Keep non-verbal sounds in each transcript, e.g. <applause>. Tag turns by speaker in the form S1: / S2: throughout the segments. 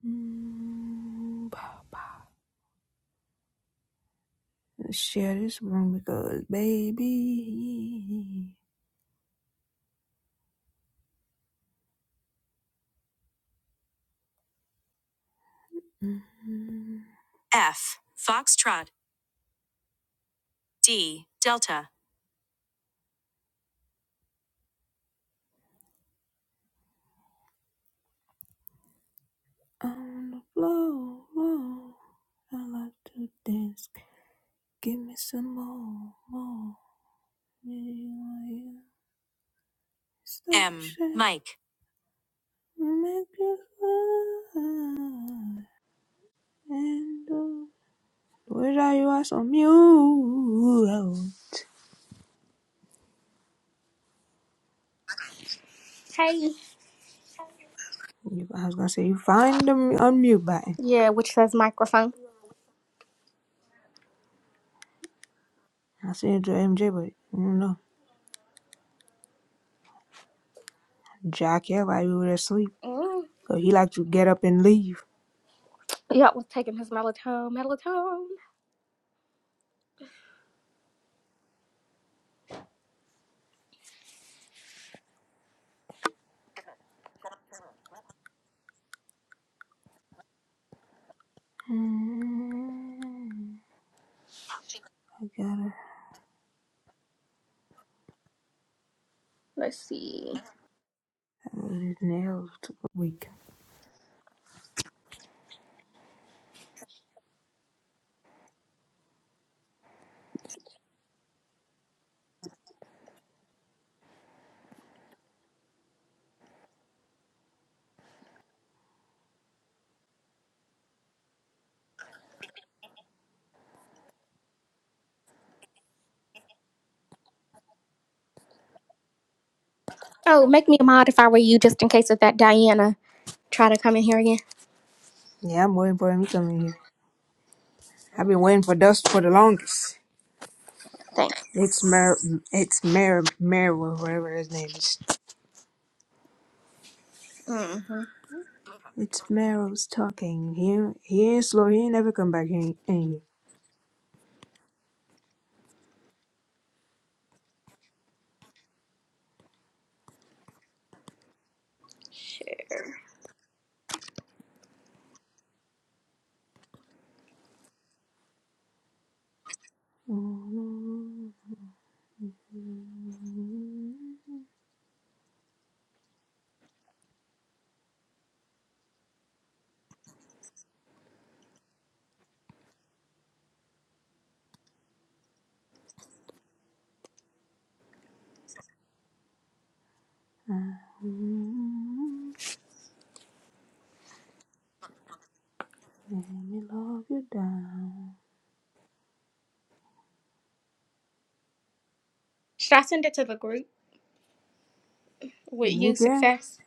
S1: Mm, bah, bah. Let's share this room because, baby, mm, on the floor, floor, I like to dance. Give me some more, more. Really M. shake, Mike. Make you fly. And uh, wish I you was on mute.
S2: Hey.
S1: I was gonna say you find the unmute button.
S2: Yeah, which says microphone.
S1: I said to MJ, but I don't know. Jack yeah, like we were asleep.
S2: Mm.
S1: So he like to get up and leave.
S2: Yup, was taking his melatonin. Melatonin.
S1: Mm, I gotta
S2: Let's see.
S1: have his nails to the week.
S2: Oh, make me a mod if I were you, just in case of that Diana try to come in here again.
S1: Yeah, I'm waiting for him to come in here. I've been waiting for Dust for the longest.
S2: Thanks.
S1: It's Mer, it's Mer, Mer, whatever his name is.
S2: Mm-hmm.
S1: It's Meryl's talking. He he ain't slow. He ain't never come back in, in here.
S2: Shit.
S1: Let me love you down.
S2: Should I send it to the group with you,
S1: You can.
S2: success?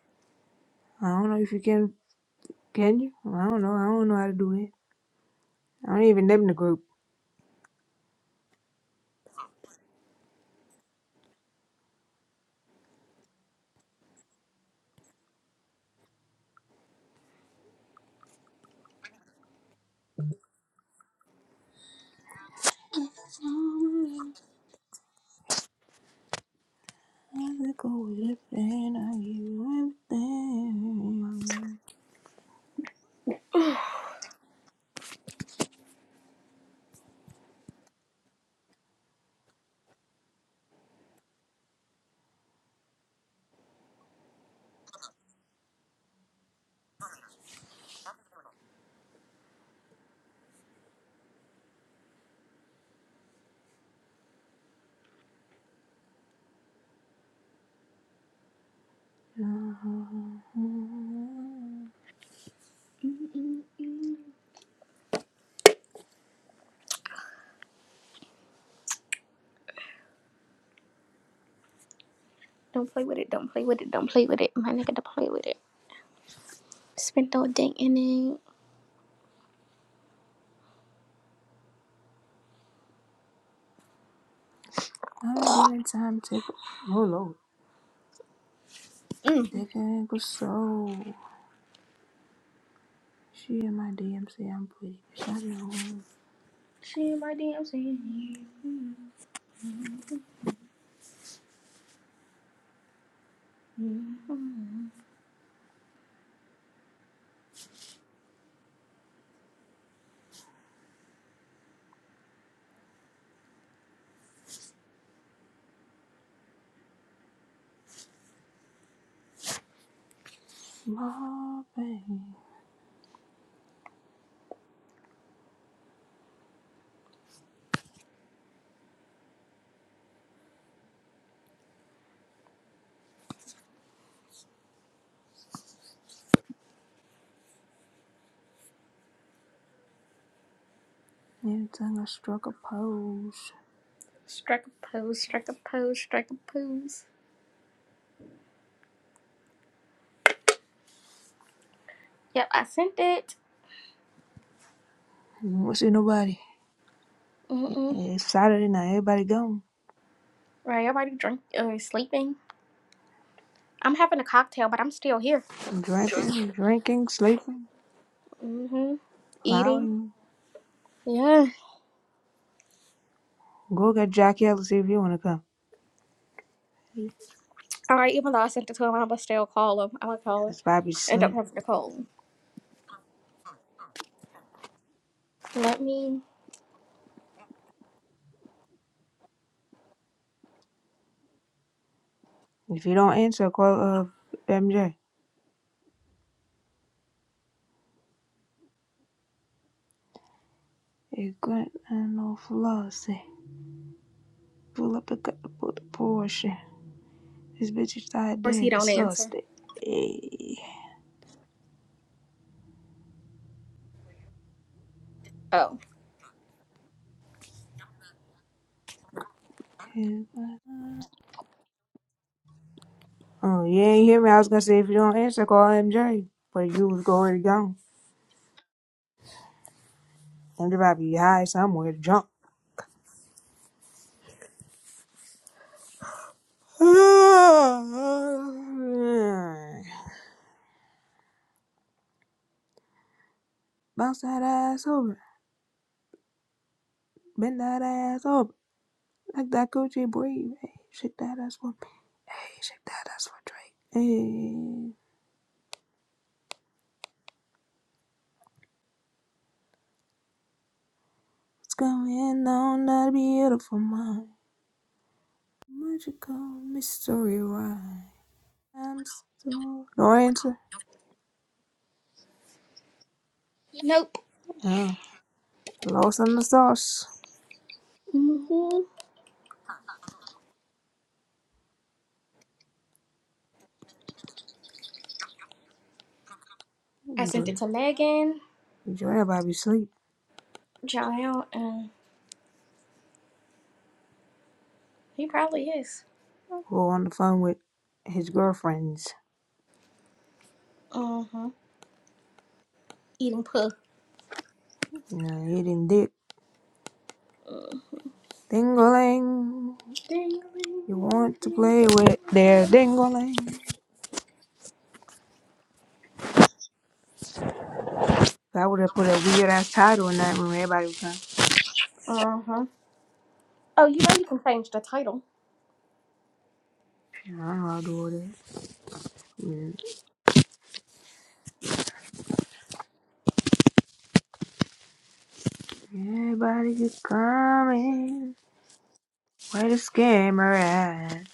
S1: I don't know if you can Can you? I don't know. I don't know how to do it. I don't even name the group. I'm
S2: Don't play with it. Don't play with it. Don't play with it. My nigga, don't play with it. Spent all day in it.
S1: a different time tickle. Oh lord.
S2: Mm.
S1: Taking ankle soul. She in my DM say I'm pretty, bitch. I know.
S2: She my damn scene. Mm-hmm.
S1: Small thing. Every time I struck a pose.
S2: Strike a pose. Strike a pose. Strike a pose. Yep, I sent it.
S1: Won't see nobody.
S2: Mm-mm.
S1: It's Saturday night. Everybody gone.
S2: Right, everybody drink uh, sleeping. I'm having a cocktail, but I'm still here.
S1: Drinking, drinking, sleeping,
S2: hmm Eating.
S1: plowing.
S2: Yeah.
S1: Go get Jackie Ellis if you wanna come.
S2: All right, even though I sent it to him, I'm gonna still call him. I'm gonna call him.
S1: It's Bobby's
S2: End up
S1: asleep.
S2: having to call him. Let me.
S1: If you don't answer, call uh MJ. It's good and no flossy. Pull up and cut the put the portion. This bitch is tired
S2: Of course, he
S1: dead,
S2: don't answer.
S1: exhausted. Hey.
S2: Oh,
S1: It's good. Oh, you ain't hear me. I was gonna say if you don't answer, call MJ. But you was already gone. MJ probably high somewhere to jump. <sighs> Bounce that ass over. Bend that ass over. Like that Gucci breathe. Hey, shake that ass for me. Hey, shake that ass for Drake. Hey, what's going on? That beautiful mind. Magical mystery ride. I'm still no answer.
S2: nope.
S1: Yeah, lost in the sauce.
S2: hmm I sent it to Megan,
S1: Enjoy everybody sleep.
S2: Jael, and he probably is.
S1: Who on the phone with his girlfriends?
S2: Uh-huh. Eating poo.
S1: You know, eating dick.
S2: Uh-huh.
S1: Dingling. You want to play with their dingling. I would have put a weird ass title in that when Everybody was trying
S2: Oh, you know you can change the title.
S1: I'll do this. Everybody just coming. Where the scammer at?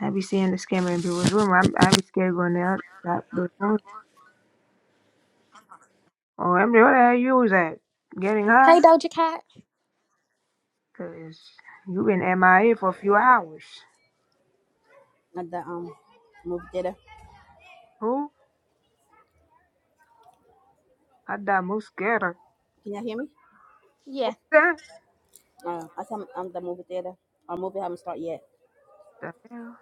S1: I be seeing the scammer in people's room. I'm, I be scared going out that those rooms. Oh, I'm where the hell you was at? Getting high?
S2: Hey, Doja Cat.
S1: Cause you been MIA for a few hours.
S3: at the um movie theater.
S1: Who? I thought most scared.
S3: Can y'all hear me?
S1: Who's
S2: Yeah.
S1: that?
S3: Uh, I said I'm, I'm the movie theater. Our movie haven't started yet.
S1: The hell?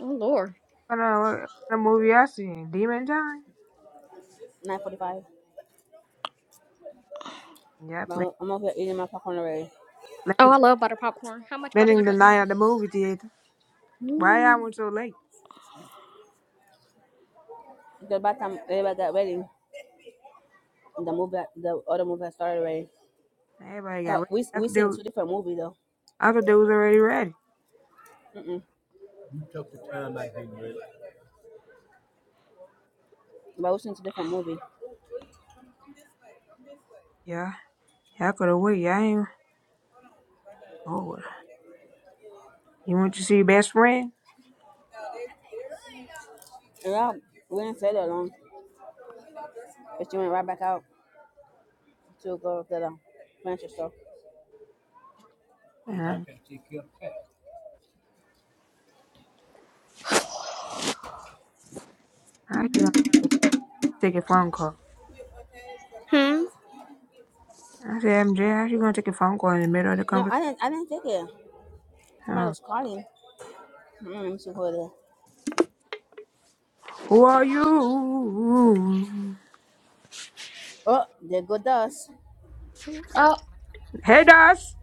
S2: Oh, Lord.
S1: What kind of, what kind of movie I seen? Demon Time?
S3: Nine forty-five.
S1: Yeah,
S3: But
S1: plan,
S3: I'm, I'm over here eating my popcorn already.
S2: Oh,
S1: plan,
S2: I love butter popcorn. How much butter you
S1: spending the
S2: putting
S1: night at the movie theater. Why I
S3: Mm.
S1: went so late?
S3: Because by the time everybody got ready, the movie, the other movie had started already.
S1: Everybody got
S3: But we we
S1: work.
S3: seen two different movies though.
S1: I thought they was already ready.
S3: Mm-mm. You took the time like you really. But we seen two different movies.
S1: Yeah, yeah, I could have waited. I ain't. Oh, well. you want to see your best friend?
S3: And y'all, we didn't stay that long. But she went right back out to go to the furniture store. You
S1: Uh,
S3: like that? Take your pet.
S1: how you gonna take a phone call?
S2: in? Hmm.
S1: I said, MJ, how you gonna take a phone call in the middle of the
S3: No,
S1: conversation?
S3: I didn't. I didn't take it. Somebody
S1: Uh,
S3: was calling. Mm, let me see who
S1: who are you?
S3: Oh, there go Dust.
S2: Oh.
S1: Hey, Dust,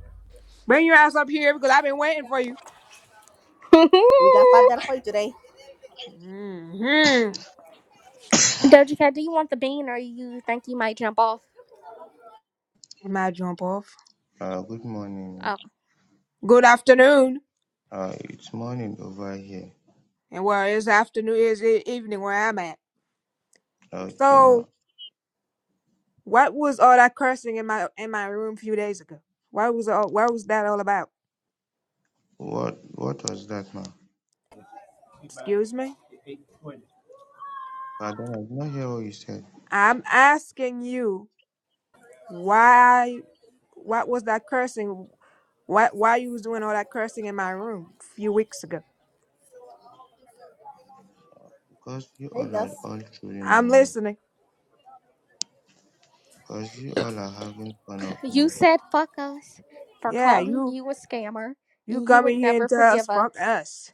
S1: bring your ass up here because I've been waiting for you.
S3: We got five dollar
S2: <laughs>
S3: for you today.
S1: Mm-hmm.
S2: Doja Cat, do you want the bean or you think you might jump off?
S1: You might jump off.
S4: Uh, good morning.
S2: Oh.
S1: Good afternoon.
S4: Uh, it's morning over here.
S1: And well, it's afternoon, it's e- evening where I'm at.
S4: Okay,
S1: So,
S4: ma.
S1: What was all that cursing in my in my room a few days ago? What was all what was that all about?
S4: What what was that, ma?
S3: Be back
S1: Excuse me?
S3: at eight twenty.
S4: Pardon, I did not hear what you said.
S1: I'm asking you why what was that cursing? Why why you was doing all that cursing in my room a few weeks ago?
S4: Because you
S3: Hey,
S4: all
S3: Dust.
S4: are all trolling
S1: I'm
S4: on me.
S1: listening.
S4: Because you all are having fun of
S2: You
S4: me.
S2: said fuck us for
S1: Yeah,
S2: calling
S1: you
S2: you a scammer
S1: you
S2: and you
S1: come
S2: would
S1: in here and
S2: never
S1: tell us
S2: forgive
S1: fuck
S2: us.
S1: us.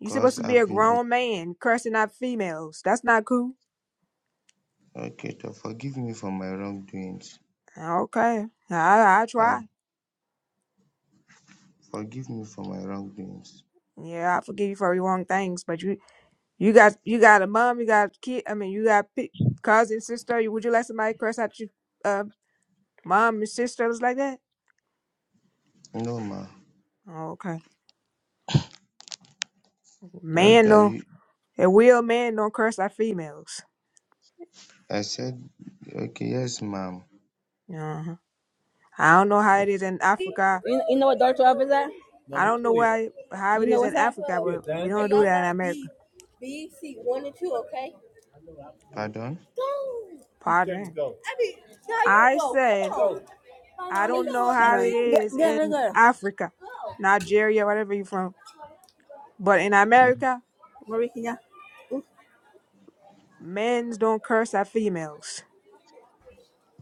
S1: You supposed
S4: Because
S1: to be
S4: I've
S1: a
S4: been ex-
S1: grown man cursing out females. That's not cool.
S4: okay. To forgive me for my wrongdoings.
S1: Okay. I I
S4: Uh,
S1: try.
S4: forgive me for my wrongdoings.
S1: Yeah, I forgive you for your wrong things, but you You got you got a mom, you got a kid. I mean, you got pe- cousin, sister. You Would you let somebody curse out your uh, mom and sisters like that?
S4: No, ma.
S1: Oh, Okay,
S4: Just
S1: man
S4: that
S1: don't.
S4: you.
S1: A real man don't curse out females.
S4: I said. Okay, yes, ma'am.
S1: Uh-huh. I don't know how
S4: Yes,
S1: it is in Africa.
S3: You, you know what door twelve is at?
S1: I
S3: Number
S1: don't know
S3: twelve.
S1: why how
S3: You
S1: it
S3: know
S1: is in
S3: what's that?
S1: Africa,
S3: twelve. Yeah,
S1: but we
S3: down there.
S1: don't
S3: Hey,
S1: do
S3: Y'all you
S1: that
S3: got
S1: in
S3: B,
S1: America.
S3: B, C, one and two, okay?
S4: Pardon.
S3: We turn to
S1: Pardon.
S3: go? go. Go. now you
S1: I
S3: go.
S1: said
S3: Come
S1: I don't know
S3: on.
S1: how
S3: Right.
S1: it
S3: Get,
S1: is
S3: get her,
S1: in
S3: Go.
S1: Africa, Nigeria, whatever you're from, but in
S4: Yes.
S1: America,
S3: Marie, can you
S1: men's don't curse at females.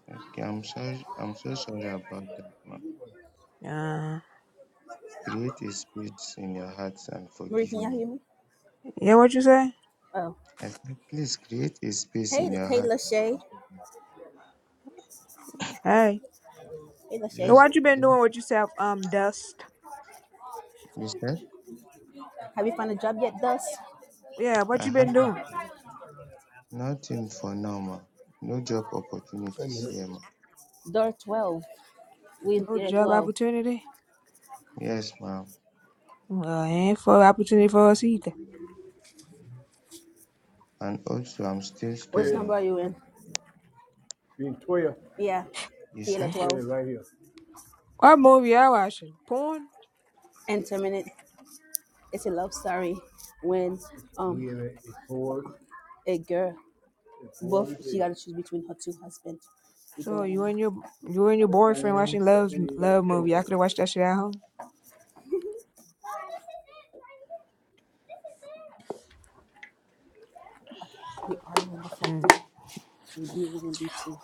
S4: Okay, I'm sorry. I'm so sorry about that, ma.
S1: Uh-huh.
S4: Create a space in your heart and
S3: Marie,
S4: forgive
S3: can you
S4: me.
S3: hear me?
S1: Yeah, what you say?
S3: Oh.
S4: I said, please create a space
S3: Hey,
S4: in your
S3: hey,
S4: heart.
S3: Lachey.
S1: Hey.
S3: Hey,
S1: So
S3: Lachey.
S4: Just,
S1: what you been
S4: just,
S1: doing with yourself, um, Dust?
S4: you said,
S3: Have you found a job yet, Dust?
S1: Yeah, what
S4: I
S1: you
S4: have
S1: been doing?
S4: nothing for now, ma. No job
S3: I'm
S4: opportunities
S3: here.
S4: here, ma.
S3: Door 12. We in
S1: No
S3: theater
S1: job
S3: 12.
S1: opportunity?
S4: Yes, ma'am.
S1: Well, ain't for opportunity for us either.
S4: And also, I'm still
S3: Which Yeah, number
S4: studying.
S3: are you in? we in 12. Yeah,
S4: You
S3: theater Yeah,
S4: said,
S3: 12. Yeah, right here.
S1: What movie y'all watching? Porn?
S3: And 10 minutes, it's a love story when um We in a, a four, a girl, a four both, one she day. got to choose between her two husbands. We
S1: So
S3: going
S1: you
S3: in now.
S1: and your you and your
S3: This
S1: boyfriend
S3: thing ain't
S1: watching
S3: so-
S1: love
S3: it got
S1: love
S3: to go.
S1: movie. Y'all could have watched that shit at home.
S3: We all on the front,
S1: Mm.
S3: okay? We be woman, be two.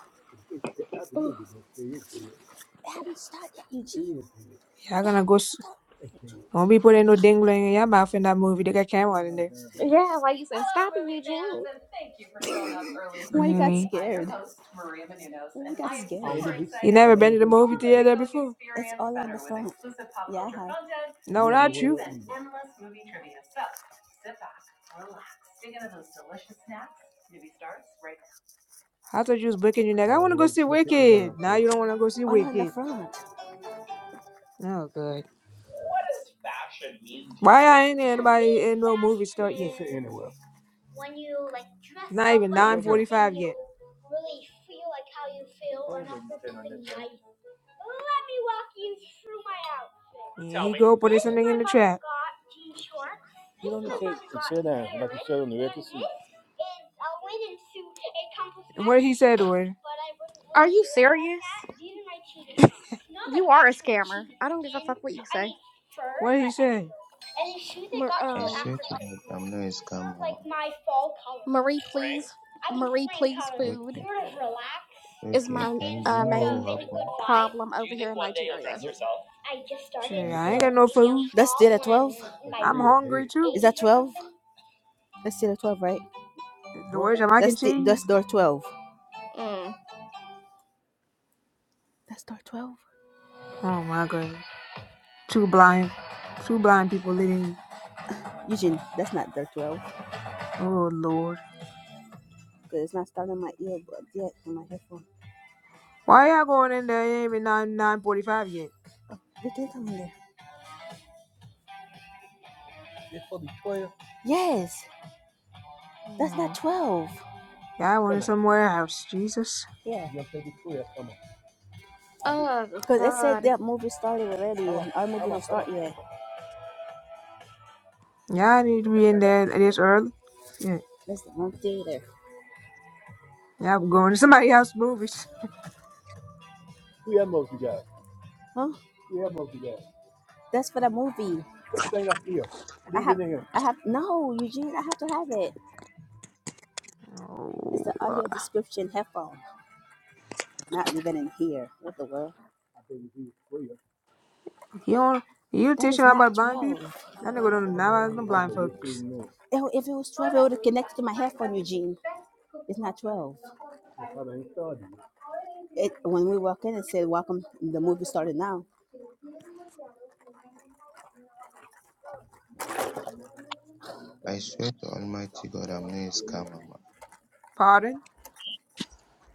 S3: It- it- I can look at this It's dead. It haven't started yet, Eugene. It Eugene. is dead.
S1: Y'all
S3: It
S1: gonna go
S3: haven't
S1: s-
S3: started yet, Eugene.
S1: don't be putting no dingling in your mouth in that movie. They got cameras
S3: Ain't
S1: in
S3: nobody
S1: there.
S3: there.
S2: Yeah, like you said, stop
S3: Hello,
S2: it,
S3: movie fans,
S2: Eugene.
S3: and thank you for <laughs> showing up early. <laughs> Why you got
S1: Mm.
S3: scared? I'm scared? your host, Maria Menounos, Why you and you got I am scared? I'm super excited I
S1: You
S3: to
S1: never
S3: make
S1: been to the
S3: your
S1: movie
S3: movie
S1: theater
S3: going experience. It's
S1: before?
S3: all on better the phone. with exclusive pop Yeah, culture hi. content, You
S1: No,
S3: don't know
S1: not
S3: games, you're
S1: you.
S3: and in. endless movie trivia. So sit back, relax, dig into those delicious snacks. Movie stars right
S1: I thought you was booking your
S3: now.
S1: neck.
S3: I
S1: I
S3: don't
S1: wanna
S3: know
S1: go
S3: where the
S1: see
S3: seat's at in the
S1: Wicked.
S3: damn
S1: Now
S3: chair.
S1: you don't wanna go see
S3: All on the
S1: Wicked.
S3: front.
S1: Oh good. Why I ain't
S3: To me,
S1: anybody in no movie
S3: fashion
S1: start
S3: Sit-
S1: yet?
S3: Sit, sit is anywhere. when you like dress
S1: Not
S3: up
S1: even
S3: Sit in
S1: nine
S3: right there.
S1: forty
S3: something here.
S1: five
S3: you
S1: yet.
S3: really feel like how you feel, and that's something nice. Let me walk you through my outfit.
S1: Yeah, he go put
S3: This
S1: something
S3: my
S1: in the
S3: mother
S1: trap.
S3: got jean shorts. This Get on the my
S2: No.
S3: chair mother and got sit down like you parrot. sit on the this is a linen suit. It comes with
S1: And what
S3: matching
S1: he said to
S3: shorts.
S1: her?
S3: But I wasn't
S2: Are
S3: really
S2: you
S3: feeling like
S2: serious?
S3: that. These are my cheetah socks. Not
S2: You
S3: like
S2: are a
S3: actual
S2: scammer.
S3: cheetah
S2: I don't give a
S3: skin.
S2: fuck what you
S3: I
S2: say.
S3: mean fur,
S1: What he
S3: but
S1: say?
S3: anywho. And these shoes I
S2: Mar-
S3: got for
S4: I
S2: um,
S4: swear to
S3: after
S4: God,
S3: Christmas.
S4: I'm not a
S3: This is
S4: scam,
S3: sort of like
S4: mama.
S3: my fall color.
S2: Marie,
S3: Spring?
S2: please.
S3: I mean
S2: Marie,
S3: spring
S2: please.
S3: colors.
S2: Food
S4: Okay,
S3: Sort of relaxed
S2: is
S4: okay.
S2: my
S3: and
S4: Then you
S2: uh,
S4: know
S3: sort
S4: what
S3: of
S4: will
S2: main
S3: in a
S4: happen?
S3: good vibe.
S2: problem
S3: Do
S2: over
S3: you
S2: here
S3: think
S2: in
S3: one day you'll
S2: Nigeria.
S3: dress yourself? I just
S1: Shit,
S3: started,
S1: I ain't
S3: so
S1: got no
S3: maybe I'll.
S1: food.
S3: That's stop dead at when I'm 12? Is
S1: I'm hungry too.
S3: that or 12? something. That's still at 12, right?
S1: The
S3: Huh?
S1: words are mac and
S3: That's the, that's
S1: cheese.
S3: door 12.
S2: Mm.
S3: That's door 12?
S1: Oh my god. Two blind two blind people leading
S3: Eugene, that's not door 12.
S1: Oh Lord.
S3: Because it's not starting my earbud yet on my headphone.
S1: Why y'all going in there? It ain't even nine nine forty five yet.
S3: What is on there? It's for the 12. Yes, that's not
S1: Oh,
S3: 12.
S1: y'all
S3: Come
S1: went
S3: on.
S1: somewhere else, Jesus.
S3: Yeah. You're supposed to be 12. Come on.
S2: Oh
S3: Because it said
S2: God.
S3: that movie started already and our movie don't start yet.
S1: Y'all need to be in there
S3: Yeah.
S1: this early. Shit.
S3: That's the wrong there.
S1: Y'all going to somebody else's movies.
S3: We have multi you Huh? We have multi you That's for the movie. Put the thing up here. I Leave it have, in here. I have, no, Eugene, I have to have it. It's the
S1: Oh.
S3: audio description headphone. Not leaving in here. What the world? I think you do for you.
S1: He don't, you
S3: That
S1: teach
S3: is
S1: him
S3: not
S1: about blind people?
S3: 12.
S1: That nigga don't know about
S3: Okay,
S1: them blind
S3: you're
S1: folks.
S3: kidding me. Oh, If it was 12, it would have connected to my headphone, Eugene. It's not 12. I thought I ain't started. It, when we walk in, it said, Welcome, the movie started now.
S4: I swear to Almighty God, I'm not a scammer. ma.
S1: Pardon?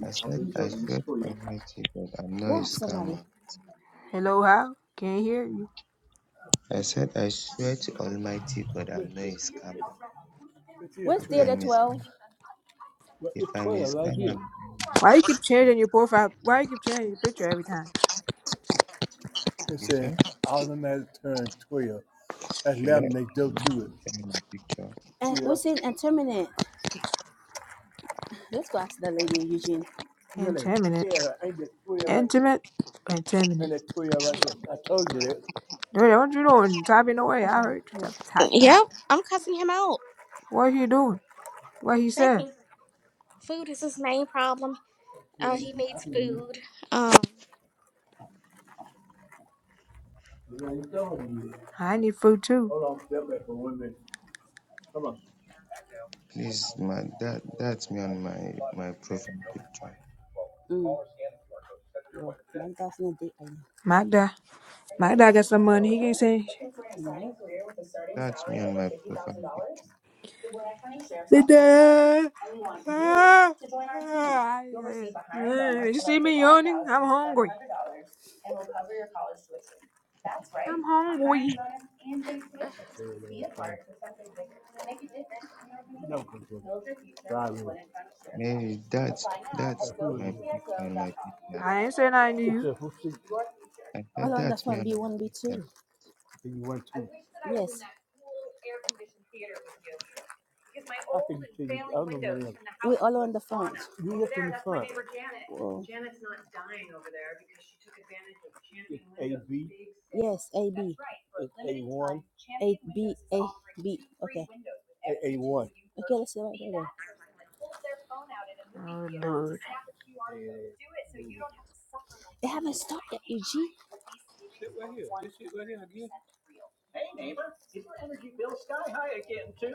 S4: I said,
S3: I'm just
S4: I
S3: showing you
S4: swear to
S3: for you.
S4: Almighty God, I'm not a
S3: God,
S4: scammer.
S3: somebody.
S1: Hello, how? Can't hear you.
S4: i said i swear to almighty god i'm
S3: Look,
S4: not
S3: look,
S4: a
S3: look,
S4: scammer
S3: look here, Where's
S4: if
S3: look here. theater
S4: i'm a,
S3: 12? Well,
S4: if
S3: it's
S4: i'm a
S3: 12 right
S4: scammer
S3: here.
S4: i will never
S1: Why you keep
S4: receive
S1: changing your profile? Why you keep changing your picture every time?
S3: It says
S4: notification
S3: automatic turn 12. That's
S4: should i
S3: laminate go
S4: should i
S3: to it.
S4: picture my picture
S3: And Yeah. what's in and terminate? Let's go ask that lady Eugene. Really? no.
S1: Intimate.
S3: Yeah, ain't that 12 right there?
S1: Intimate? Intimate.
S3: and that 12 right there? I told you that.
S1: Dude, what you doing? Typing away. I
S3: Okay.
S1: heard you
S3: come on.
S1: tap, tap,
S2: Yep,
S1: tap.
S2: I'm cussing him out.
S1: What you doing? What he said?
S2: Begging. Food is his main problem.
S3: Yeah,
S2: Uh,
S3: I
S2: he
S3: mean, I
S2: needs
S3: can-
S2: food. Um,
S3: I ain't telling you.
S1: I need food too.
S3: Hold on, step back for one minute. Come on.
S4: please my that that's me on my my profile picture
S3: Mm. One thousand a day.
S1: My Dad.
S3: Are you
S1: Magda. Dad
S3: eighteen
S1: got some
S3: years or
S1: money. He
S3: older,
S1: can't say
S3: looking for an exciting career with a starting
S4: that's me
S3: salary
S4: on
S3: over
S4: my
S3: fifty thousand
S4: profile
S3: dollars?
S4: picture
S3: The Gwinnett County Sheriff's
S1: shit.
S3: Office is hiring,
S1: Dad.
S3: and we want you
S1: Ah.
S3: to join our team.
S1: Ah.
S3: You'll receive a hiring bonus
S1: Magda. You
S3: of
S1: see
S3: up to
S1: me
S3: five
S1: yawning?
S3: thousand
S1: I'm
S3: seven
S1: hungry.
S3: hundred dollars, and will cover your college tuition. That's right,
S1: I'm
S3: a hiring
S1: hungry.
S3: bonus and paid tuition. Be a part of something bigger, to make a difference in your community. No Build your future Drive with me. Gwinnett County Sheriff's
S4: mary
S3: Office.
S4: that's
S3: Apply now
S4: that's
S3: at Who are you?
S4: my picture on my
S3: gotccsgov.com. The
S4: picture
S1: I
S3: Gwinnett
S1: ain't
S3: County
S1: said I
S3: Sheriff's
S1: knew.
S3: Office, your future
S4: i
S3: I
S4: said
S3: learned that
S4: that's me
S3: from
S4: on my
S3: B1,
S4: picture
S3: B2. B1, I two. Yes. I wish that I was in Yes. that cool air conditioned theater with you. Because my I old can tell you, I windows where from the house We're all that are was in the front. You over up in the that's my front. neighbor Janet. Well, Janet's not dying over there because she took advantage of it's Champion Windows, A B, big sale. yes, A That's B, right, for a it's A one, time, Champion A B, Windows is A offering B. two free Okay, windows with A every A window one. you Okay, let's purchase. see right Be there that person that pulls their phone out in a movie
S1: Oh
S3: theater to
S1: Lord,
S3: snap a QR code. Yeah. Do it so you don't have to suffer like They we haven't did in stopped yet, the EG. eye with these Sit savings right of here. one hundred percent real. Hey neighbor, is your energy bill sky high again too?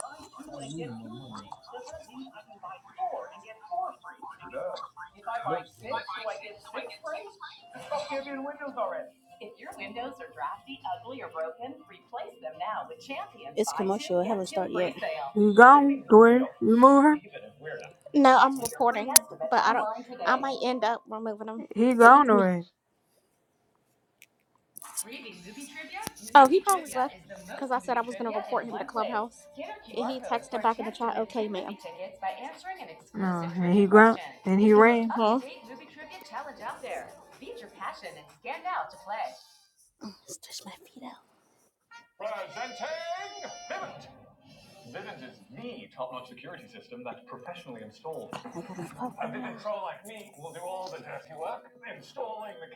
S3: buy two and get two free doesn't mean I can buy four and get four free. If I buy six, do I get six free? It's called Champion Windows already. If your windows are drafty, ugly, or broken, replace them now with Champion. It's commercial. It haven't started yet. sale.
S1: he
S3: The
S1: gone.
S3: savings
S1: The
S3: are
S1: way
S3: real.
S1: you move him,
S2: no, I'm
S3: Schedule your free
S2: reporting,
S3: estimate
S2: but I don't.
S3: online
S2: I
S3: today.
S2: might end up removing him,
S1: he
S2: but
S1: gone
S2: he's me.
S1: already.
S3: Reading movie trivia?
S2: Oh, he
S3: Movie
S2: probably
S3: trivia
S2: left
S3: is the most
S2: because I said I
S3: movie
S2: was gonna
S3: trivia in
S2: report him to
S3: one place.
S2: Clubhouse,
S3: Get our
S2: and
S3: QR
S2: he
S3: code for
S2: texted
S3: a
S2: back in the
S3: chance to
S2: chat,
S3: win free
S2: "Okay, ma'am."
S3: movie tickets by answering an
S1: No,
S3: exclusive
S1: and
S3: trivia
S1: he grunt
S3: question.
S1: and
S3: It's
S1: he
S3: the most
S1: ran.
S2: Mm-hmm.
S3: up-to-date movie trivia challenge out there. Beat your passion and stand out to play. Oh, stretch my feet out. Oh,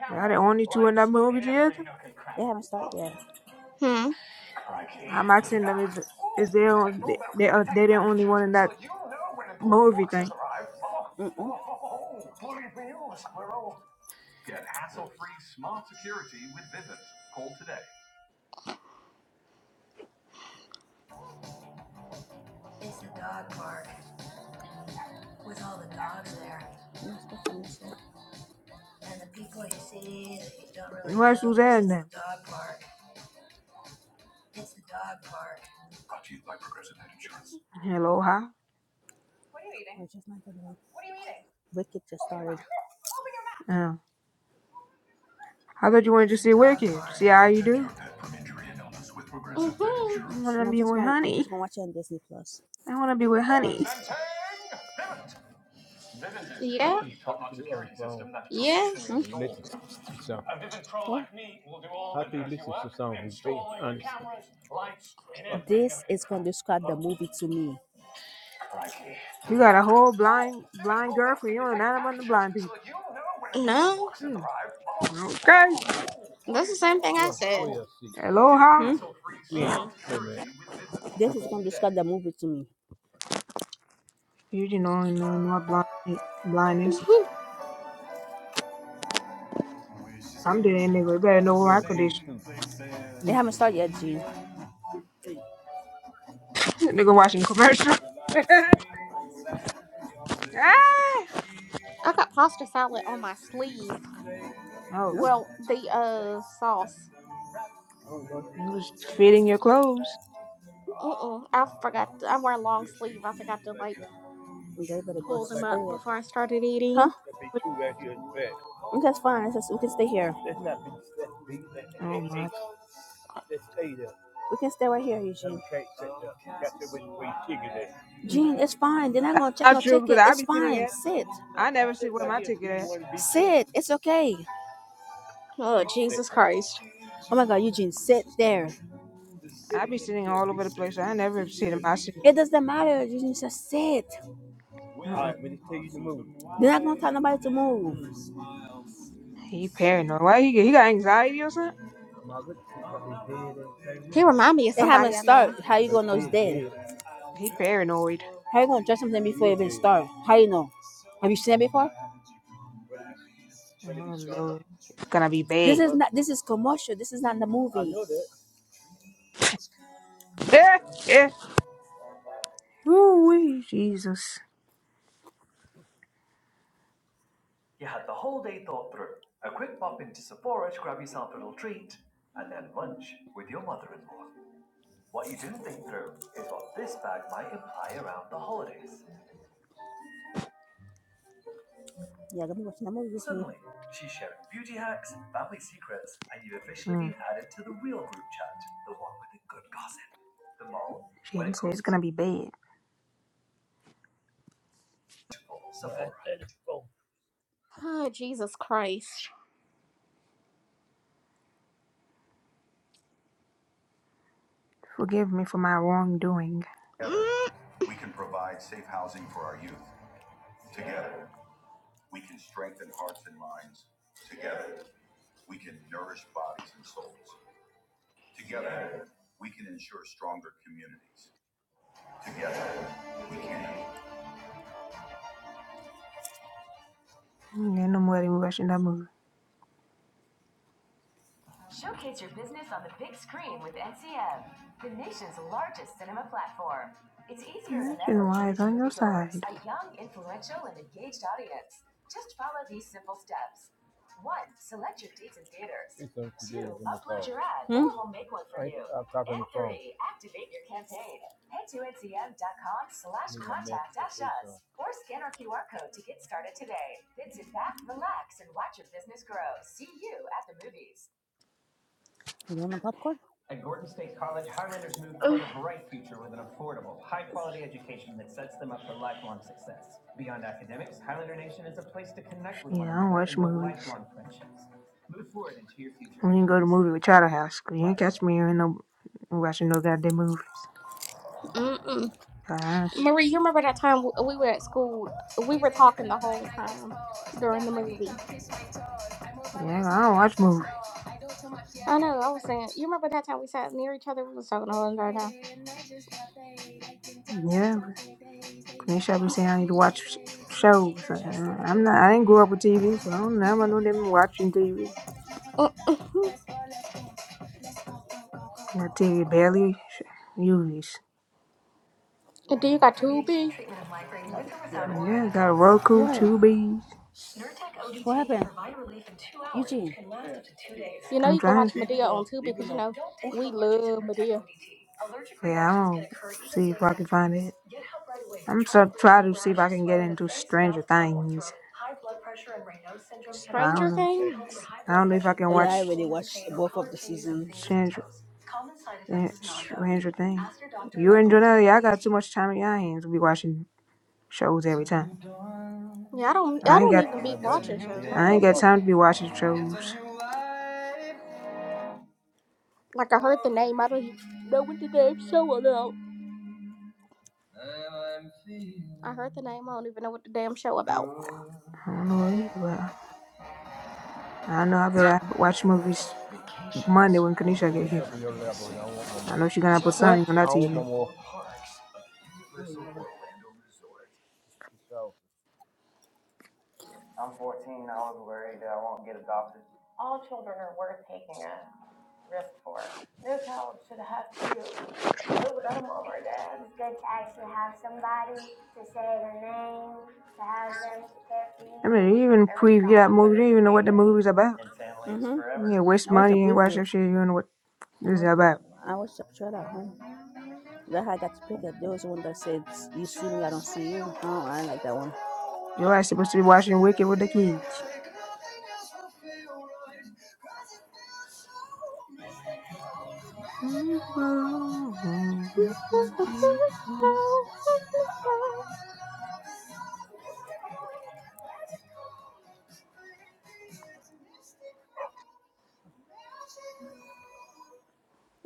S1: Y'all the only two in that movie theater.
S2: Hmm.
S1: I'm asking them is is they on they they are they the only one in that movie thing.
S3: It's the dog park, with all the dogs there. No, And the people you see that you don't really
S1: Who else
S3: know,
S1: was
S3: because
S1: there in
S3: it's the
S1: them?
S3: dog park. It's the dog park.
S1: Hello, hi.
S3: I just not the Wicked just started,
S1: Uh, I thought you wanted to see Wicked. See how you do.
S2: Mm-hmm.
S1: I
S3: and
S1: wanna
S3: I'm
S1: be
S3: just
S1: with
S3: gonna I'm
S1: Honey.
S3: just gonna watch it on Disney Plus.
S1: I wanna be with Honey.
S2: Yeah. Yeah.
S3: So This is going to describe the movie to me.
S1: You got a whole blind blind girlfriend. You don't know nothing about the blind people.
S2: No,
S1: Hmm. Okay.
S2: that's the same thing I said.
S1: Aloha.
S3: Hmm?
S2: Mm.
S3: This is going to describe the movie to me.
S1: You didn't know no no blind blindness.
S2: <laughs>
S1: I'm dead nigga. You better know
S3: We're in
S1: my condition.
S3: B two. They
S1: is.
S3: haven't started yet, G.
S1: <laughs> nigga watching commercial. <laughs> Ah!
S2: I got pasta salad on my sleeve.
S1: oh
S3: No?
S1: god.
S2: Well, the uh sauce.
S1: You was fitting your clothes.
S2: Mm-mm. I forgot. To, I wear a long sleeve. I forgot to like
S3: They better go to
S2: pull them
S3: Like
S2: up
S3: spread.
S2: before I started
S3: Huh?
S2: eating.
S1: What-
S3: That's fine. It's just, we can stay here. That's not big. That's big. That's
S1: Oh
S3: eight.
S1: my
S3: eight. Let's stay there. We can stay right here, Eugene. Okay, set up. Got to wait for ticket there.
S1: we
S3: Gene,
S1: can't.
S3: it's fine. They're not
S1: That's
S3: gonna check
S1: not
S3: no
S1: true
S3: ticket.
S1: because I
S3: It's
S1: be sitting
S3: fine.
S1: at
S3: Sit. You
S1: I never sit
S3: sit
S1: where
S3: right
S1: my
S3: here,
S1: ticket at.
S3: B1, B2. Sit. It's okay.
S2: Oh
S3: You sit.
S2: Jesus Christ!
S3: Oh my god, Eugene, sit there. Sit, sit
S1: I be sitting
S3: there,
S1: all
S3: B,
S1: over the place. I never sit in
S3: one
S1: my
S3: B2.
S1: seat.
S3: It doesn't matter, Eugene. Just sit. All
S1: Oh,
S3: right, when they tell you to move. They're not gonna tell nobody to move.
S1: he paranoid. Why he he got anxiety or something?
S2: He remind me of
S3: They haven't
S2: somebody I know.
S3: started. How you gonna know it's Yeah, dead?
S1: He paranoid.
S3: How you gonna judge something before you even start? How you know? Have you seen it before?
S1: Oh Lord, it's gonna be
S3: This
S1: bad.
S3: is not. This is commercial. This is not the movie. I know that.
S1: <laughs> Yeah, yeah. Ooh, Jesus.
S3: Yeah, gonna be watching the movie this week. She's sharing beauty hacks, family secrets, and you've officially
S1: Mm.
S3: been added to the real group chat, the one with the good gossip. The moral, when
S1: Shit,
S3: it
S1: said
S3: comes
S1: it's
S3: to
S1: gonna be bad.
S2: Oh Jesus Christ!
S1: Forgive me for my wrongdoing.
S3: together,
S2: Mm-mm.
S3: We can provide safe housing for our youth. Together, we can strengthen hearts and minds. Together, we can nourish bodies and souls. Together, we can ensure stronger communities.
S1: Mm, Ain't no more than watching that movie.
S3: Showcase your business on the big screen with NCM, the nation's largest cinema platform. It's easier than
S1: Action
S3: ever to
S1: wise,
S3: reach
S1: on your
S3: moviegoers,
S1: side.
S3: a young, influential, and engaged audience. Just follow these simple steps. One, select your dates and theaters. Two, upload your ad, Hmm? or we'll make one for you. And three, activate your campaign. Head to ncm.com slash contact dash us so. or scan our QR code to get started today. Then sit back, relax, and watch your business grow. See you at the movies. You doing the popcorn?
S1: Shit, I don't watch movies. We didn't go to the movie with Charter House. 'cause you ain't catch me in no watching no goddamn movies.
S2: Mm-mm.
S1: Uh,
S2: Marie, you remember that time we were at school? We were talking the whole time during the movie.
S1: yeah, I don't watch movies.
S2: I know. I was saying, you remember that time we sat near each other? We was talking the whole entire time.
S1: Yeah, but Quenisha be saying I need to watch sh- shows. Uh, I'm not. I didn't grow up with TV, so I don't know. I know them watching TV.
S2: Oh, Mm-mm.
S1: That TV barely sh- uses.
S2: Do you got two big?
S1: Yeah, got a Roku,
S3: What?
S1: two Bs.
S3: What happened? Eugene. Can last up to two days.
S2: You know,
S1: I'm
S2: you can
S1: trying.
S2: watch
S3: Leave
S2: Medea
S3: it alone.
S2: on too
S3: Leave it
S2: because you
S3: alone.
S2: know
S3: Don't take
S2: we
S3: Allergic to
S2: love
S3: Nurtec
S2: Medea.
S3: ODT. Allergic
S1: Yeah, I'm
S3: reactions
S1: gonna
S3: can occur even
S1: see if
S3: days
S1: I can
S3: after
S1: find
S3: use.
S1: it.
S3: Get help right away for
S1: I'm
S3: trouble
S1: so try
S3: breathing,
S1: to see if
S3: rash,
S1: I can get
S3: swelling of
S1: into
S3: face, mouth,
S1: Stranger
S3: tongue, or
S1: Things,
S3: throat. High blood pressure and Raynaud's syndrome can
S1: but I don't
S2: Stranger
S3: occur.
S1: know.
S3: Get help for
S2: Things.
S3: high
S1: I
S3: blood
S1: don't know if I
S3: pressure.
S1: can
S3: Oh yeah, I
S1: watch
S3: already watched both of the seasons. fingers and
S1: Stranger
S3: toes. Common side effect is nausea.
S1: Stranger Things.
S3: Ask your doctor
S1: You
S3: about
S1: and
S2: Mm.
S3: Nurtec
S1: Jonelle, y'all got too
S3: ODT.
S1: much time in your hands to be watching shows every time.
S2: Yeah, I don't. I
S1: I ain't
S2: don't
S1: got
S2: even
S3: I'm
S2: be
S3: at bed.
S2: watching shows. I
S1: I ain't
S2: don't
S1: got
S2: even,
S1: time to be watching shows.
S2: like. I heard the name. I don't know what the damn show about. I heard the name. I don't even know what the damn show about.
S1: I don't know either, but I know I better watch movies Monday when Kanisha get here.
S3: no
S1: I know she's gonna put
S3: What?
S1: something on
S3: I
S1: that
S3: don't want no
S1: TV.
S3: more. All children are worth taking a birth. without a mom or dad. It's good to actually have somebody to say their name, to have them to care for
S1: I mean,
S3: you.
S1: they even preview that movie. They don't even know what the movie's about.
S3: Mhm.
S1: You know, waste
S3: I watched a
S1: money and watch
S3: preview.
S1: that shit. You don't know what
S3: I
S1: It's
S3: watched the
S1: about
S3: I watched the trailer. Huh? That I got to pick it. There was one that said, "You see me, I don't see you." Oh, I like that one.
S1: your ass supposed to be watching Wicked with the kids. <laughs>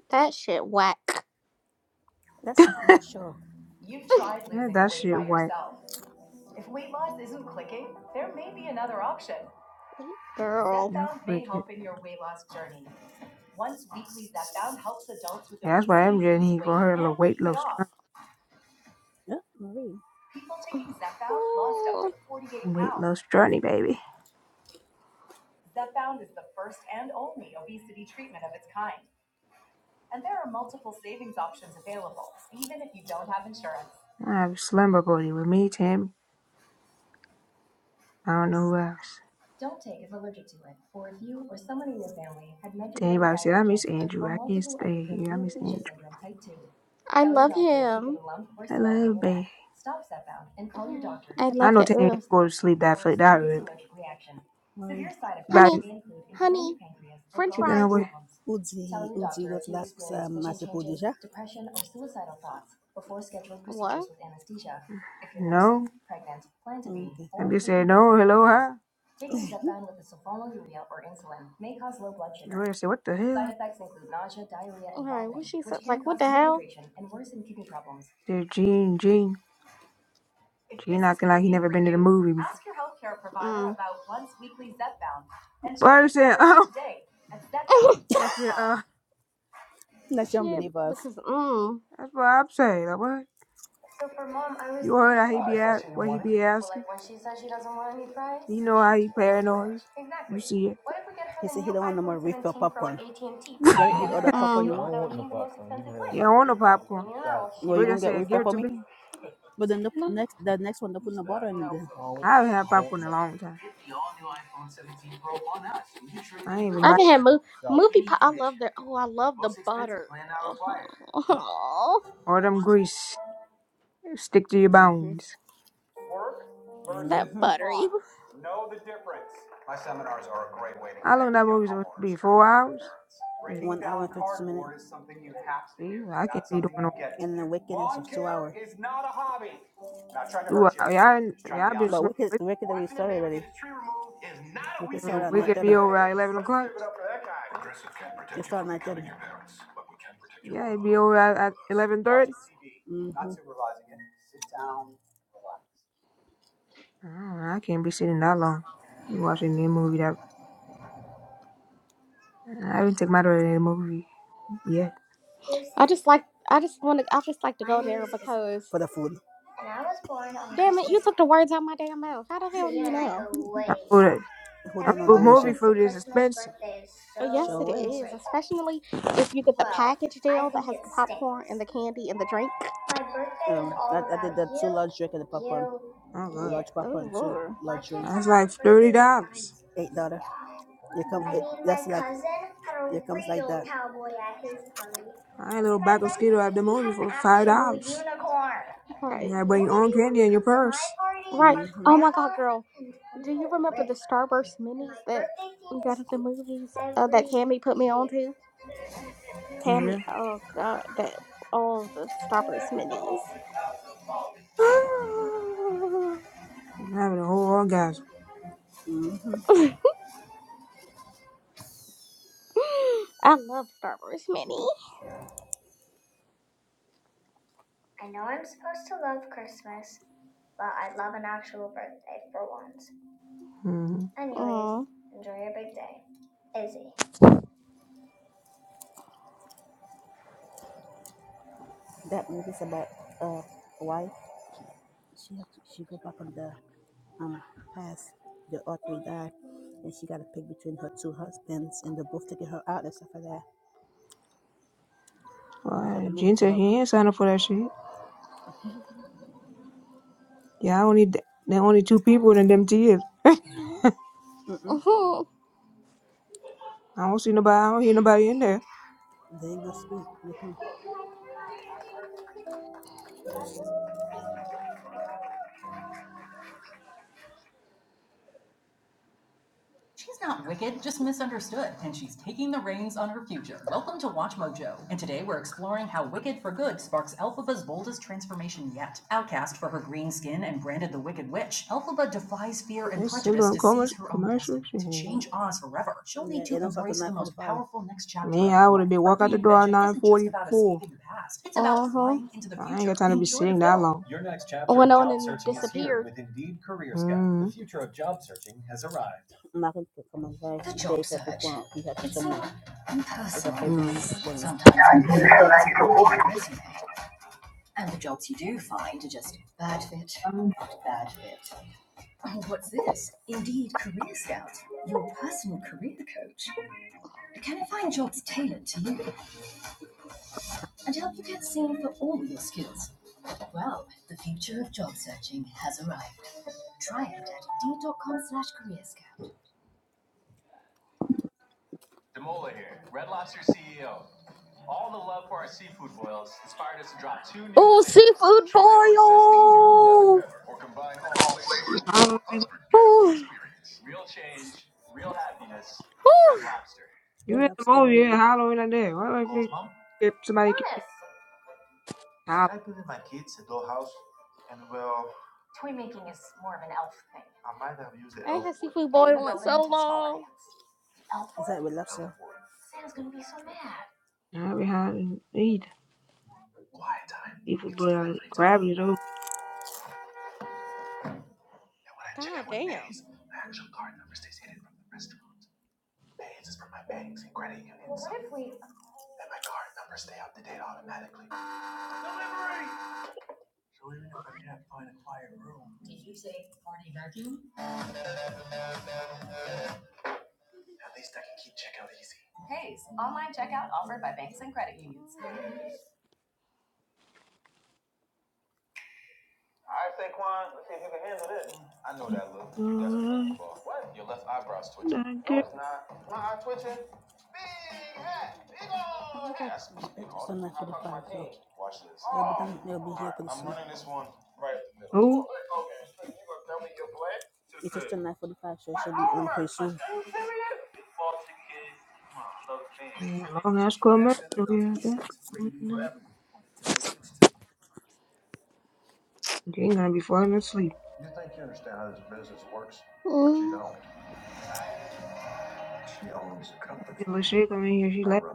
S2: That shit whack,
S3: Let's commercial. You've tried
S1: Yeah,
S3: losing the
S1: that
S3: weight
S1: shit
S3: by
S1: white.
S3: yourself. If weight loss isn't clicking, there may be another option.
S2: girl.
S1: Yeah,
S3: Zepbound may
S1: Wicked.
S3: help in your weight loss journey. Once weekly, Zepbound helps adults with
S1: Yeah, that's why
S3: obesity
S1: MJ
S3: lose
S1: need for
S3: weight
S1: her
S3: and
S1: little weight
S3: keep it
S1: loss
S3: off.
S1: journey.
S3: Yeah, Marie. People taking Zepbound lost up to 48
S1: Weight
S3: pounds.
S1: loss journey, baby.
S3: Zepbound is the first and only obesity treatment of its kind. And there are multiple savings options available, even if you don't have insurance.
S1: I have a slumber party with me, Tim. I don't know who else.
S3: Don't take if allergic to it, or if you or someone in your family had
S1: Tammy,
S3: medullary
S1: anybody said I
S3: thyroid
S1: miss
S3: cancer or
S1: Andrew? I can't
S3: multiple
S1: stay
S3: endocrine
S1: here. I miss
S3: neoplasia
S1: Andrew.
S3: syndrome type 2.
S2: I
S3: Tell your
S2: love
S3: doctor if you get
S2: him.
S3: a lump or
S1: I
S3: swelling in
S1: love
S3: your neck.
S1: baby.
S3: Stop step and call your
S2: <sighs>
S3: doctor
S2: I
S3: if you
S1: I
S2: love
S3: have
S1: know
S2: him.
S1: Tammy
S3: severe
S2: Ugh.
S1: ain't go to
S3: stomach
S1: sleep
S3: pain
S1: that
S3: or a
S1: fl- that
S3: serious
S1: early.
S3: allergic reaction. Ой. Severe side effects
S1: But
S2: Honey,
S3: may include
S2: honey,
S3: inflamed pancreas or
S2: French
S1: you
S3: gallbladder
S1: gonna
S2: fries.
S1: wait?
S3: problems. udzi, Tell your udzi doctor if you lăsați depression, or suicidal thoughts before scheduling
S2: What?
S3: procedures with anesthesia. If you're nursing,
S1: No.
S3: pregnant, plan to be, Okay. or
S1: I'm just
S3: taking
S1: saying
S3: birth
S1: no.
S3: control
S1: Hello,
S3: pills,
S1: hi.
S3: Taking Zepbound with the sulfonylurea or insulin may cause low blood sugar.
S1: Joanna said, "What the hell?"
S3: Side effects include nausea, diarrhea, and
S2: Right, what
S3: vomiting,
S2: she
S3: which
S2: said,
S3: can
S2: like, what
S3: cause
S2: the hell?
S3: dehydration and worsen kidney problems.
S1: Said Gene, Gene,
S3: If
S1: Gene
S3: this is
S1: acting like he
S3: clicking
S1: never
S3: for
S1: been to the
S3: you,
S1: movie before.
S3: ask your healthcare provider
S2: Mm.
S3: about once weekly Zepbound and
S1: But
S3: check
S1: I
S3: your
S1: said, <laughs>
S3: coverage
S1: oh,
S3: today at
S2: <laughs>
S1: I said,
S3: zepbound.com.
S1: uh,
S3: That's
S2: Shit,
S3: unbelievers. <laughs>
S2: because, mm,
S1: that's what I'm saying. Like, what?
S3: So for mom, I was
S1: You
S3: thinking,
S1: heard how he be at, what he be
S3: well,
S1: asking?
S3: like when she says she doesn't want any fries.
S1: You know how he paranoid. You
S3: Exactly.
S1: see it.
S3: What if we get her He the said he don't want no more refill popcorn. You gotta eat all the popcorn
S2: mm.
S3: you want. without eating the most expensive
S1: <laughs>
S3: one.
S1: he don't want no popcorn.
S3: Well, you
S1: We
S3: gonna
S1: just
S3: get
S1: said,
S3: refill
S1: give it
S3: for
S1: to
S3: me?
S1: me.
S3: But then the
S2: No,
S3: next, the next one, they put in the bottle in there.
S1: I haven't had popcorn in a long time. I ain't even
S2: I
S1: buy
S2: haven't had movie, movie pie. I love their, oh, I love the butter. <laughs> Oh,
S1: all them grease. Stick to your
S3: hmm
S1: bones.
S2: that buttery.
S1: How long that movie supposed to be? Four hours? Shit, See, I can't be doing no
S3: And the a,
S1: two hours. Y'all, y'all been
S3: wicked,
S1: sleeping.
S3: wicked could start
S1: We could be over at 11 o'clock. Yeah, it'd be over at, at eleven thirty. I don't know, I can't be sitting that long watching any movie. That I haven't taken my daughter to the movie yet.
S3: Dear
S2: I
S3: Santa.
S2: just like, I just want to, I just like to
S3: My
S2: go
S3: name
S2: there
S3: is Isabel,
S2: because,
S3: for the food. and I was born on
S2: damn it,
S3: Christmas
S2: you took the
S3: Day.
S2: words out my damn mouth. How the
S3: So
S2: hell do
S3: you
S2: you
S3: and I
S2: know?
S3: go way
S1: That
S3: back.
S1: food,
S3: Hold
S1: that
S3: on, Everyone
S1: food
S3: Adoisha.
S1: movie
S3: thinks the
S1: food is
S3: Christmas
S1: expensive.
S3: birthday is
S2: Oh,
S3: so
S2: yes, it
S3: Sure is. great.
S2: is, especially if you get the
S3: Well,
S2: package
S3: I
S2: deal that
S3: think
S2: has
S3: it
S2: the popcorn
S3: stinks.
S2: and the candy and the drink.
S3: My birthday is Um, is all I, I did that you, two large drink and the popcorn.
S1: Oh
S3: you,
S1: god,
S3: large popcorn,
S2: Oh,
S3: and two
S2: Lord.
S3: Why large drinks. Why can't drink. I
S1: that's
S3: have
S1: like
S3: a birthday
S1: thirty
S3: with
S1: dollars.
S3: dinosaurs? Eight daughter. You come. I It,
S1: Mm.
S3: mean, my that's my like. cousin had a Here comes like real like that. cowboy at his party.
S1: I ain't a little
S3: And my
S1: bag of
S3: friend
S1: skittles at the
S3: Susie
S1: movie
S3: had an
S1: for five
S3: actual
S1: dollars.
S3: unicorn.
S1: You
S2: Right.
S1: gotta
S3: The
S1: bring
S3: only
S1: your own
S3: people
S1: candy
S3: who
S1: in your
S3: come to my
S1: purse.
S3: party
S2: Right.
S3: are Mhm.
S2: Oh, my
S3: Grandma
S2: God, girl.
S3: and
S2: Do you
S3: Uncle
S2: remember the
S3: Rick.
S2: Starburst
S3: And
S2: minis
S3: my
S2: that
S3: birthday theme
S2: we got
S3: is
S2: at the
S3: you
S2: movies? Uh, that
S3: every
S2: Tammy put me on
S3: year.
S2: to?
S1: Yeah,
S2: Tammy, oh god, that all the Starburst minis. <laughs> <sighs>
S1: I'm having a whole orgasm.
S3: hmm
S2: I love Starburst mini.
S3: I know I'm supposed to love Christmas, but I'd love an actual birthday for once.
S1: Mm-hmm.
S3: Anyways,
S2: Mm.
S3: enjoy your big day. Izzy. That movie's about uh a wife. She had to, she go back in the um past. The author died, and she got to pick between her two husbands, and they both taking her out and stuff like that. That's what
S1: Well,
S3: the
S1: Gene
S3: movie's
S1: said
S3: about.
S1: he ain't signed up for that shit. Yeah, I only there only two people in them tears.
S3: Mm
S2: Mhm.
S1: I don't see nobody. I don't hear nobody in there.
S3: They ain't gonna speak. They come. She's not wicked, just misunderstood, and she's taking the reins on her future. Welcome to Watch Mojo, and today we're exploring how Wicked for Good sparks Elphaba's boldest transformation yet. Outcast for her green skin and branded the Wicked Witch, Elphaba defies fear and
S1: It's still
S3: prejudice
S1: doing
S3: to
S1: commer
S3: seize her own
S1: commercial
S3: destiny,
S1: shit.
S3: to change Oz forever. She'll Yeah, need they to embrace the most powerful next chapter
S1: Me,
S3: of
S1: I
S3: her
S1: would have
S3: life.
S1: been
S3: Her
S1: walk out the door at
S3: reinvention
S1: nine
S3: isn't just
S1: forty
S3: about
S1: four.
S3: escaping the past, it's about
S2: huh.
S3: flying into the
S1: I ain't
S3: future.
S1: got time to be
S3: Enjoy the
S1: sitting that
S3: film.
S1: long.
S2: Went on and disappeared.
S1: Mm.
S3: I'm not going to come on very The job search. point you have It's come impersonal.
S1: Mm.
S3: Sometimes all you feel like is a walking resume. And the jobs you do find are just bad fit, after bad fit. Oh, What's this? Indeed Career Scout, your personal career coach. Can it find jobs tailored to you and help you get seen for all your skills? Well, the future of job searching has arrived. Try it at indeed.com slash career scout.
S2: Oh, seafood
S3: Try our zesty new lemon
S2: boil. <sighs>
S3: pepper or combine all flavors for one
S1: Hollering.
S3: unforgettable
S2: Ooh,
S3: experience.
S2: ooh.
S1: You
S3: Went
S1: in the movie?
S3: upstairs.
S1: You ain't hollering like that? Why would you if somebody keep
S3: Jonas!
S1: hollering?
S3: Toy making is more of an elf thing.
S2: I ain't had seafood
S3: Leave the
S2: boil in
S3: building
S2: so
S3: to smaller
S2: long.
S3: hands. The elf. Is that with Sam's gonna be so mad.
S1: I be hollering. Eat people, but grabbing it over.
S2: God damn.
S3: Did you say party vacuum? Hey, online checkout offered by banks and credit unions.
S1: Alright, that girl.
S3: Nah, twitching.
S2: I'm gonna go.
S3: That's me. Just on that for the Watch this. they I'm running this one right up the middle.
S1: Oh,
S3: It's just 945 show.
S1: long ass commercial. Yeah, that girl. No. She ain't gonna be falling asleep.
S2: Mm.
S1: That little shit coming here. She left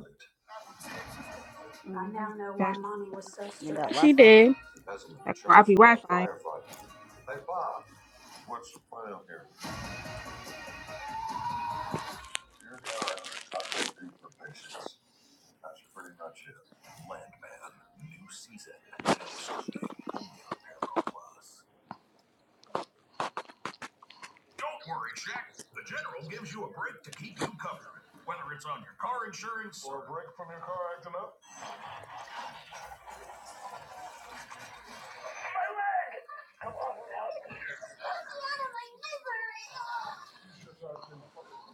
S3: I now know why
S1: past
S3: mommy was so stressed. And that Wi
S2: She
S3: Fi.
S2: did.
S1: that crappy Wi-Fi.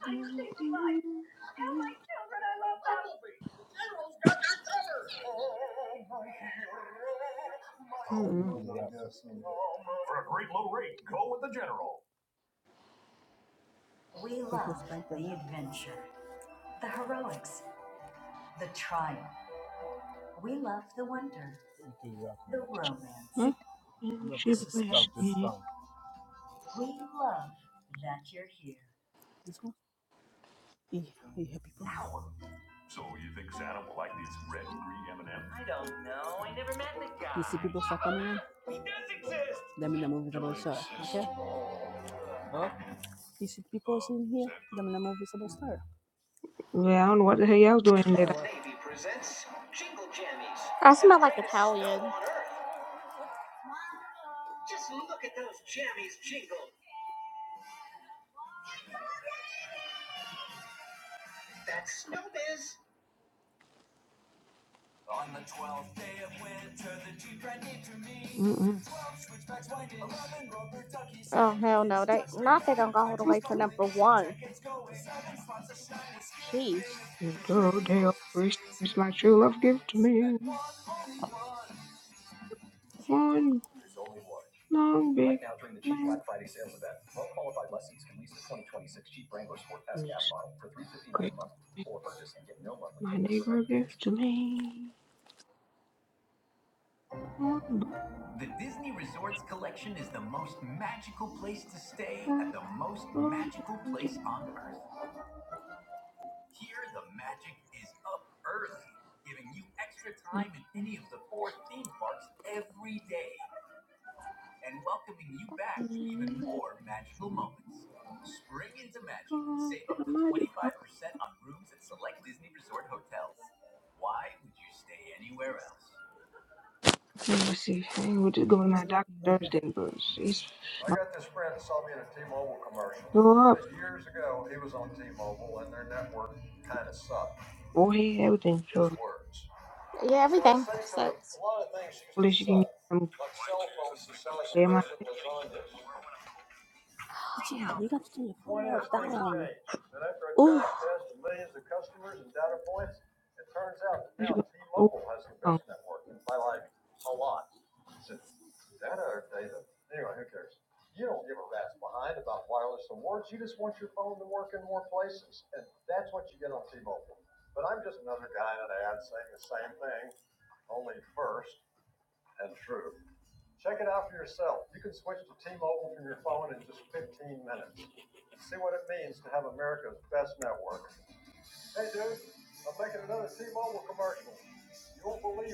S1: She
S3: We love the adventure, the heroics, the triumph. We love the wonder, the romance, Hmm? the suspense. We love that you're here. You hear people? You see people start coming in? That mean the movie's about to start. Okay? You see people sitting here? That mean the movie's about to start.
S1: Well, I don't know what the hell y'all was doing today.
S2: I smell like Italian.
S1: Mm-mm.
S2: Oh hell no, they not they gonna go all the way to number one. Jeez.
S1: The girl day of Christmas, my true love give to me one long big man. This Christmas, my neighbor give to me one bucket of candy. My magic. Let me see. I ain't with to go to
S3: No, it's
S1: my
S3: a lot of
S1: doctor
S3: people like that.
S1: Thursday, but it's
S3: I got this friend, so
S1: my
S3: so years ago, he was on TV and their network kind of sucked.
S1: Well, he everything
S3: His
S1: So,
S3: work.
S2: Yeah, everything sucks.
S1: At least you can get some clear my text.
S3: Yeah, you got to do your four down.
S2: Ooh.
S1: What you gonna
S3: only first and true. Check it out for yourself. You can switch to T-Mobile from your phone in just 15 minutes. See what it means to have America's best network. Hey, dude, I'm making another T-Mobile commercial. You won't believe.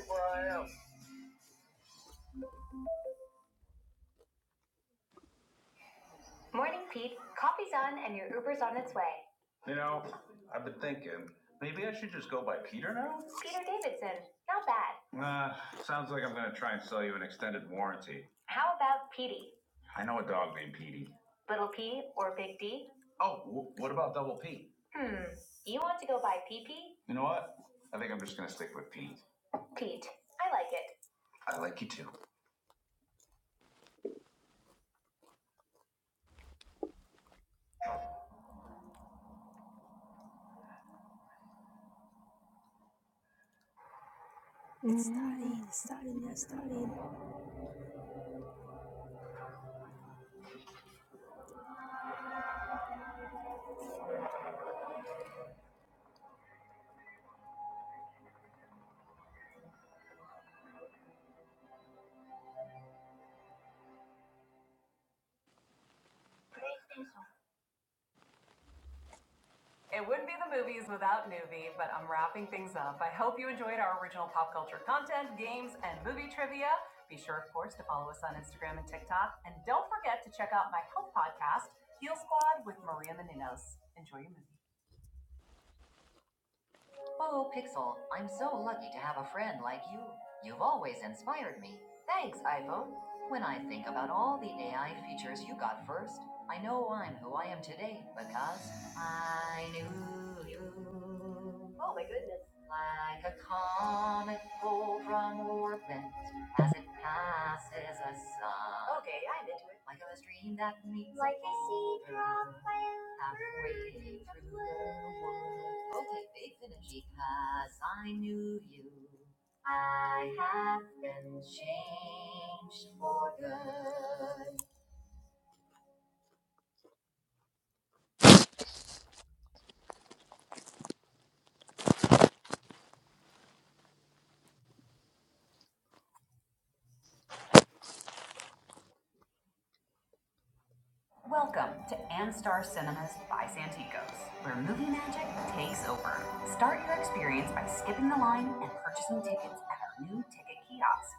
S3: it. Morning, Pete. Coffee's on and your Uber's on its way. Peter didn't. Not bad. About Petey. P or Big D. Go by PP. Pete. I like it. It's
S1: do?
S3: starting, it's starting, it's starting. It wouldn't be the movies without Newbie, but I'm wrapping things up. I hope you enjoyed our original pop culture content, games, and movie trivia. Be sure, of course, to follow us on Instagram and TikTok. And don't forget to check out my health podcast, Heal Squad with Maria Menounos. Enjoy your movie. Oh, Pixel, I'm so lucky to have a friend like you. You've always inspired me. Thanks, iPhone. When I think about all the AI features you got first, I know I'm who I am today because I knew you. Oh my goodness. Like a comet pulled from orbit as it passes a sun. Okay, I'm into it. Like a stream that meets Like a a seed drop Halfway through the world. Okay, they finished because I knew you. I have been changed for good. Welcome to Anstar Cinemas by Santikos, where movie magic takes over. Start your experience by skipping the line and purchasing tickets at our new ticket kiosk.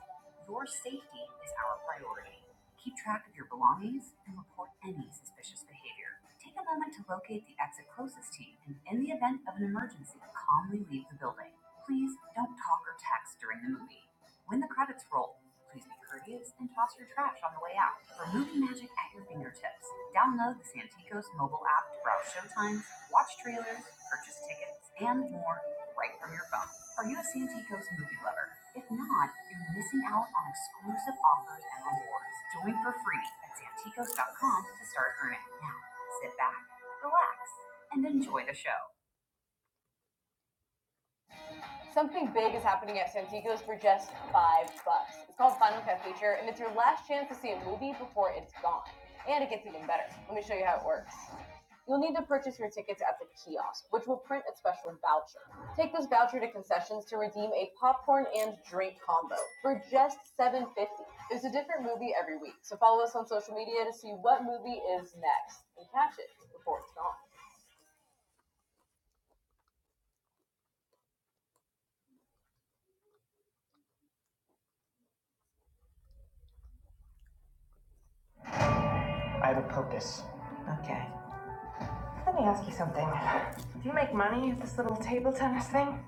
S3: Your safety is our priority. Keep track of your belongings and report any suspicious behavior. Take a moment to locate the exit closest to you and, in the event of an emergency, calmly leave the building. Please don't talk or text during the movie. When the credits roll, Please be courteous and toss your trash on the way out. Removing magic at your fingertips. Download the Santikos mobile app to browse showtimes, watch trailers, purchase tickets, and more right from your phone. Are you a Santikos movie lover? If not, you're missing out on exclusive offers and rewards. Join for free at Santikos.com to start earning. Now, sit back, relax, and enjoy the show. Something big is happening at Santico's for just five bucks. It's called Final Cut Feature, and it's your last chance to see a movie before it's gone. And it gets even better. Let me show you how it works. You'll need to purchase your tickets at the kiosk, which will print a special voucher. Take this voucher to concessions to redeem a popcorn and drink combo for just $7.50. There's a different movie every week, so follow us on social media to see what movie is next and catch it before it's gone. Okay. Let me ask you something. Do you make money at this little table tennis thing?